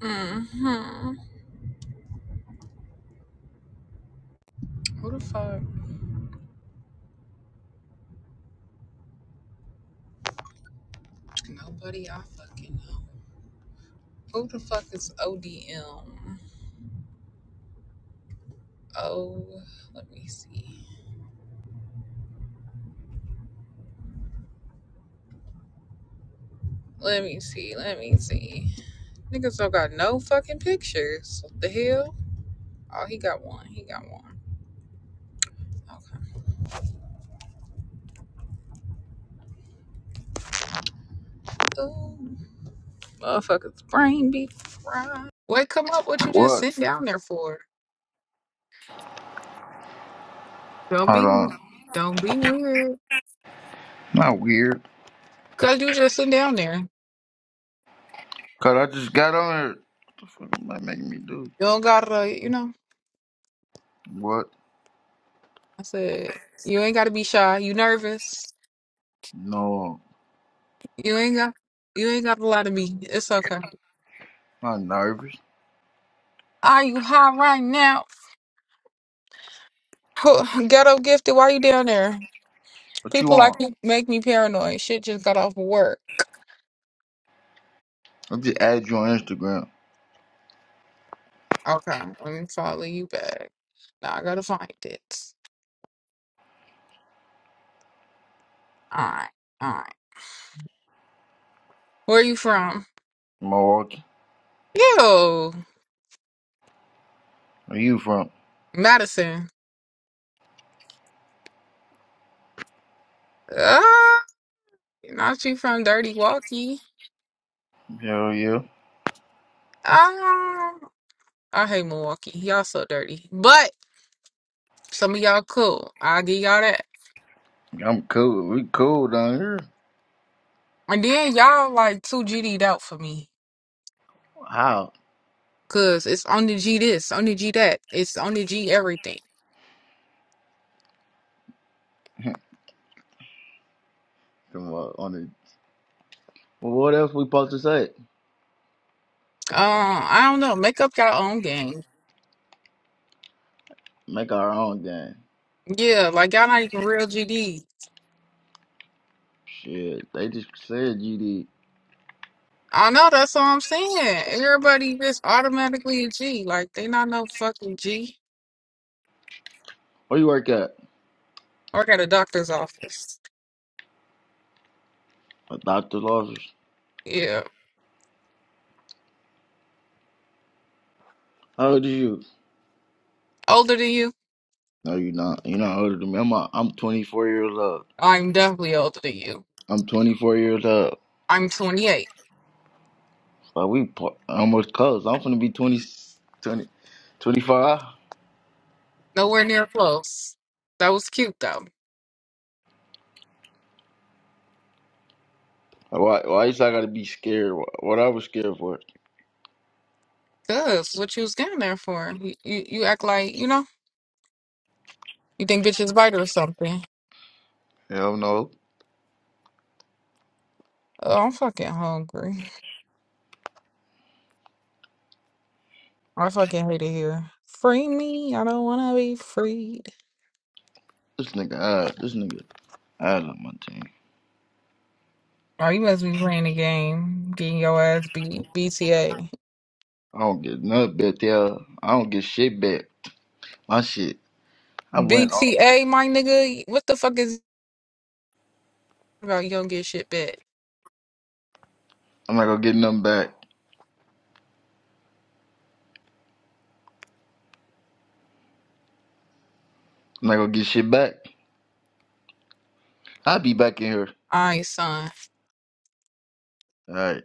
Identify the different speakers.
Speaker 1: hmm Who the fuck? Nobody I fucking know. Who the fuck is ODM? Oh, let me see. Let me see. Let me see. Niggas don't got no fucking pictures. What the hell? Oh, he got one. He got one. Okay. Ooh, motherfucker's brain be fried. Wait, come up. What you just
Speaker 2: What?
Speaker 1: sitting down there for? Don't
Speaker 2: Hold
Speaker 1: be,
Speaker 2: on.
Speaker 1: don't be weird.
Speaker 2: Not weird.
Speaker 1: Cause you just sitting down there.
Speaker 2: Cause I just got on it. What the fuck am I making me do?
Speaker 1: You don't gotta, you know.
Speaker 2: What?
Speaker 1: I said you ain't gotta be shy. You nervous?
Speaker 2: No.
Speaker 1: You ain't got you ain't got a lot of me. It's okay.
Speaker 2: I'm nervous.
Speaker 1: Are you high right now? Who- Ghetto gifted, why you down there?
Speaker 2: What you
Speaker 1: People like
Speaker 2: want?
Speaker 1: you make me paranoid. Shit just got off work.
Speaker 2: I just add you on Instagram.
Speaker 1: Okay, let me follow you back. Now I gotta find it. Alright, alright. Where you from?
Speaker 2: Milwaukee.
Speaker 1: Yo,
Speaker 2: Where you from?
Speaker 1: Madison. Ah, not you from Dirty Walkie.
Speaker 2: Hell yeah.
Speaker 1: Ah, I hate Milwaukee. Y'all so dirty. But some of y'all cool. I'll give y'all that.
Speaker 2: I'm cool. We cool down here.
Speaker 1: And then y'all like too GD'd out for me.
Speaker 2: How?
Speaker 1: Cause it's only G this, only G that. It's only G everything.
Speaker 2: Come on. On the well, what else we supposed to say?
Speaker 1: Uh, I don't know. Make up your own game.
Speaker 2: Make our own game.
Speaker 1: Yeah, like y'all not even real GD.
Speaker 2: Shit. They just said you did.
Speaker 1: I know that's what I'm saying. Everybody just automatically a G. Like they not no fucking G.
Speaker 2: Where you work at?
Speaker 1: Work at a doctor's office.
Speaker 2: A doctor's office.
Speaker 1: Yeah.
Speaker 2: How old are you?
Speaker 1: Older than you?
Speaker 2: No, you're not. You're not older than me. I'm, a, I'm 24 years old.
Speaker 1: I'm definitely older than you.
Speaker 2: I'm 24 years old.
Speaker 1: I'm 28.
Speaker 2: But we par- almost close. I'm finna be 20, 20 25.
Speaker 1: Nowhere near close. That was cute though.
Speaker 2: Why, why is I gotta be scared? Wh- What I was scared for?
Speaker 1: Cause what you was getting there for? You, you, you act like you know. You think bitches bite or something?
Speaker 2: Hell no.
Speaker 1: Oh, I'm fucking hungry. I fucking hate it here. Free me. I don't want to be freed.
Speaker 2: This nigga, uh, this nigga, I on my team.
Speaker 1: Oh, you must be playing the game, getting your ass beat. BTA.
Speaker 2: I don't get nothing back there. I don't get shit back. My shit. I went off.
Speaker 1: BTA, my nigga. What the fuck is about? You don't get shit back.
Speaker 2: I'm not gonna get nothing back. I'm not gonna get shit back. I'll be back in here.
Speaker 1: All right, son.
Speaker 2: All right.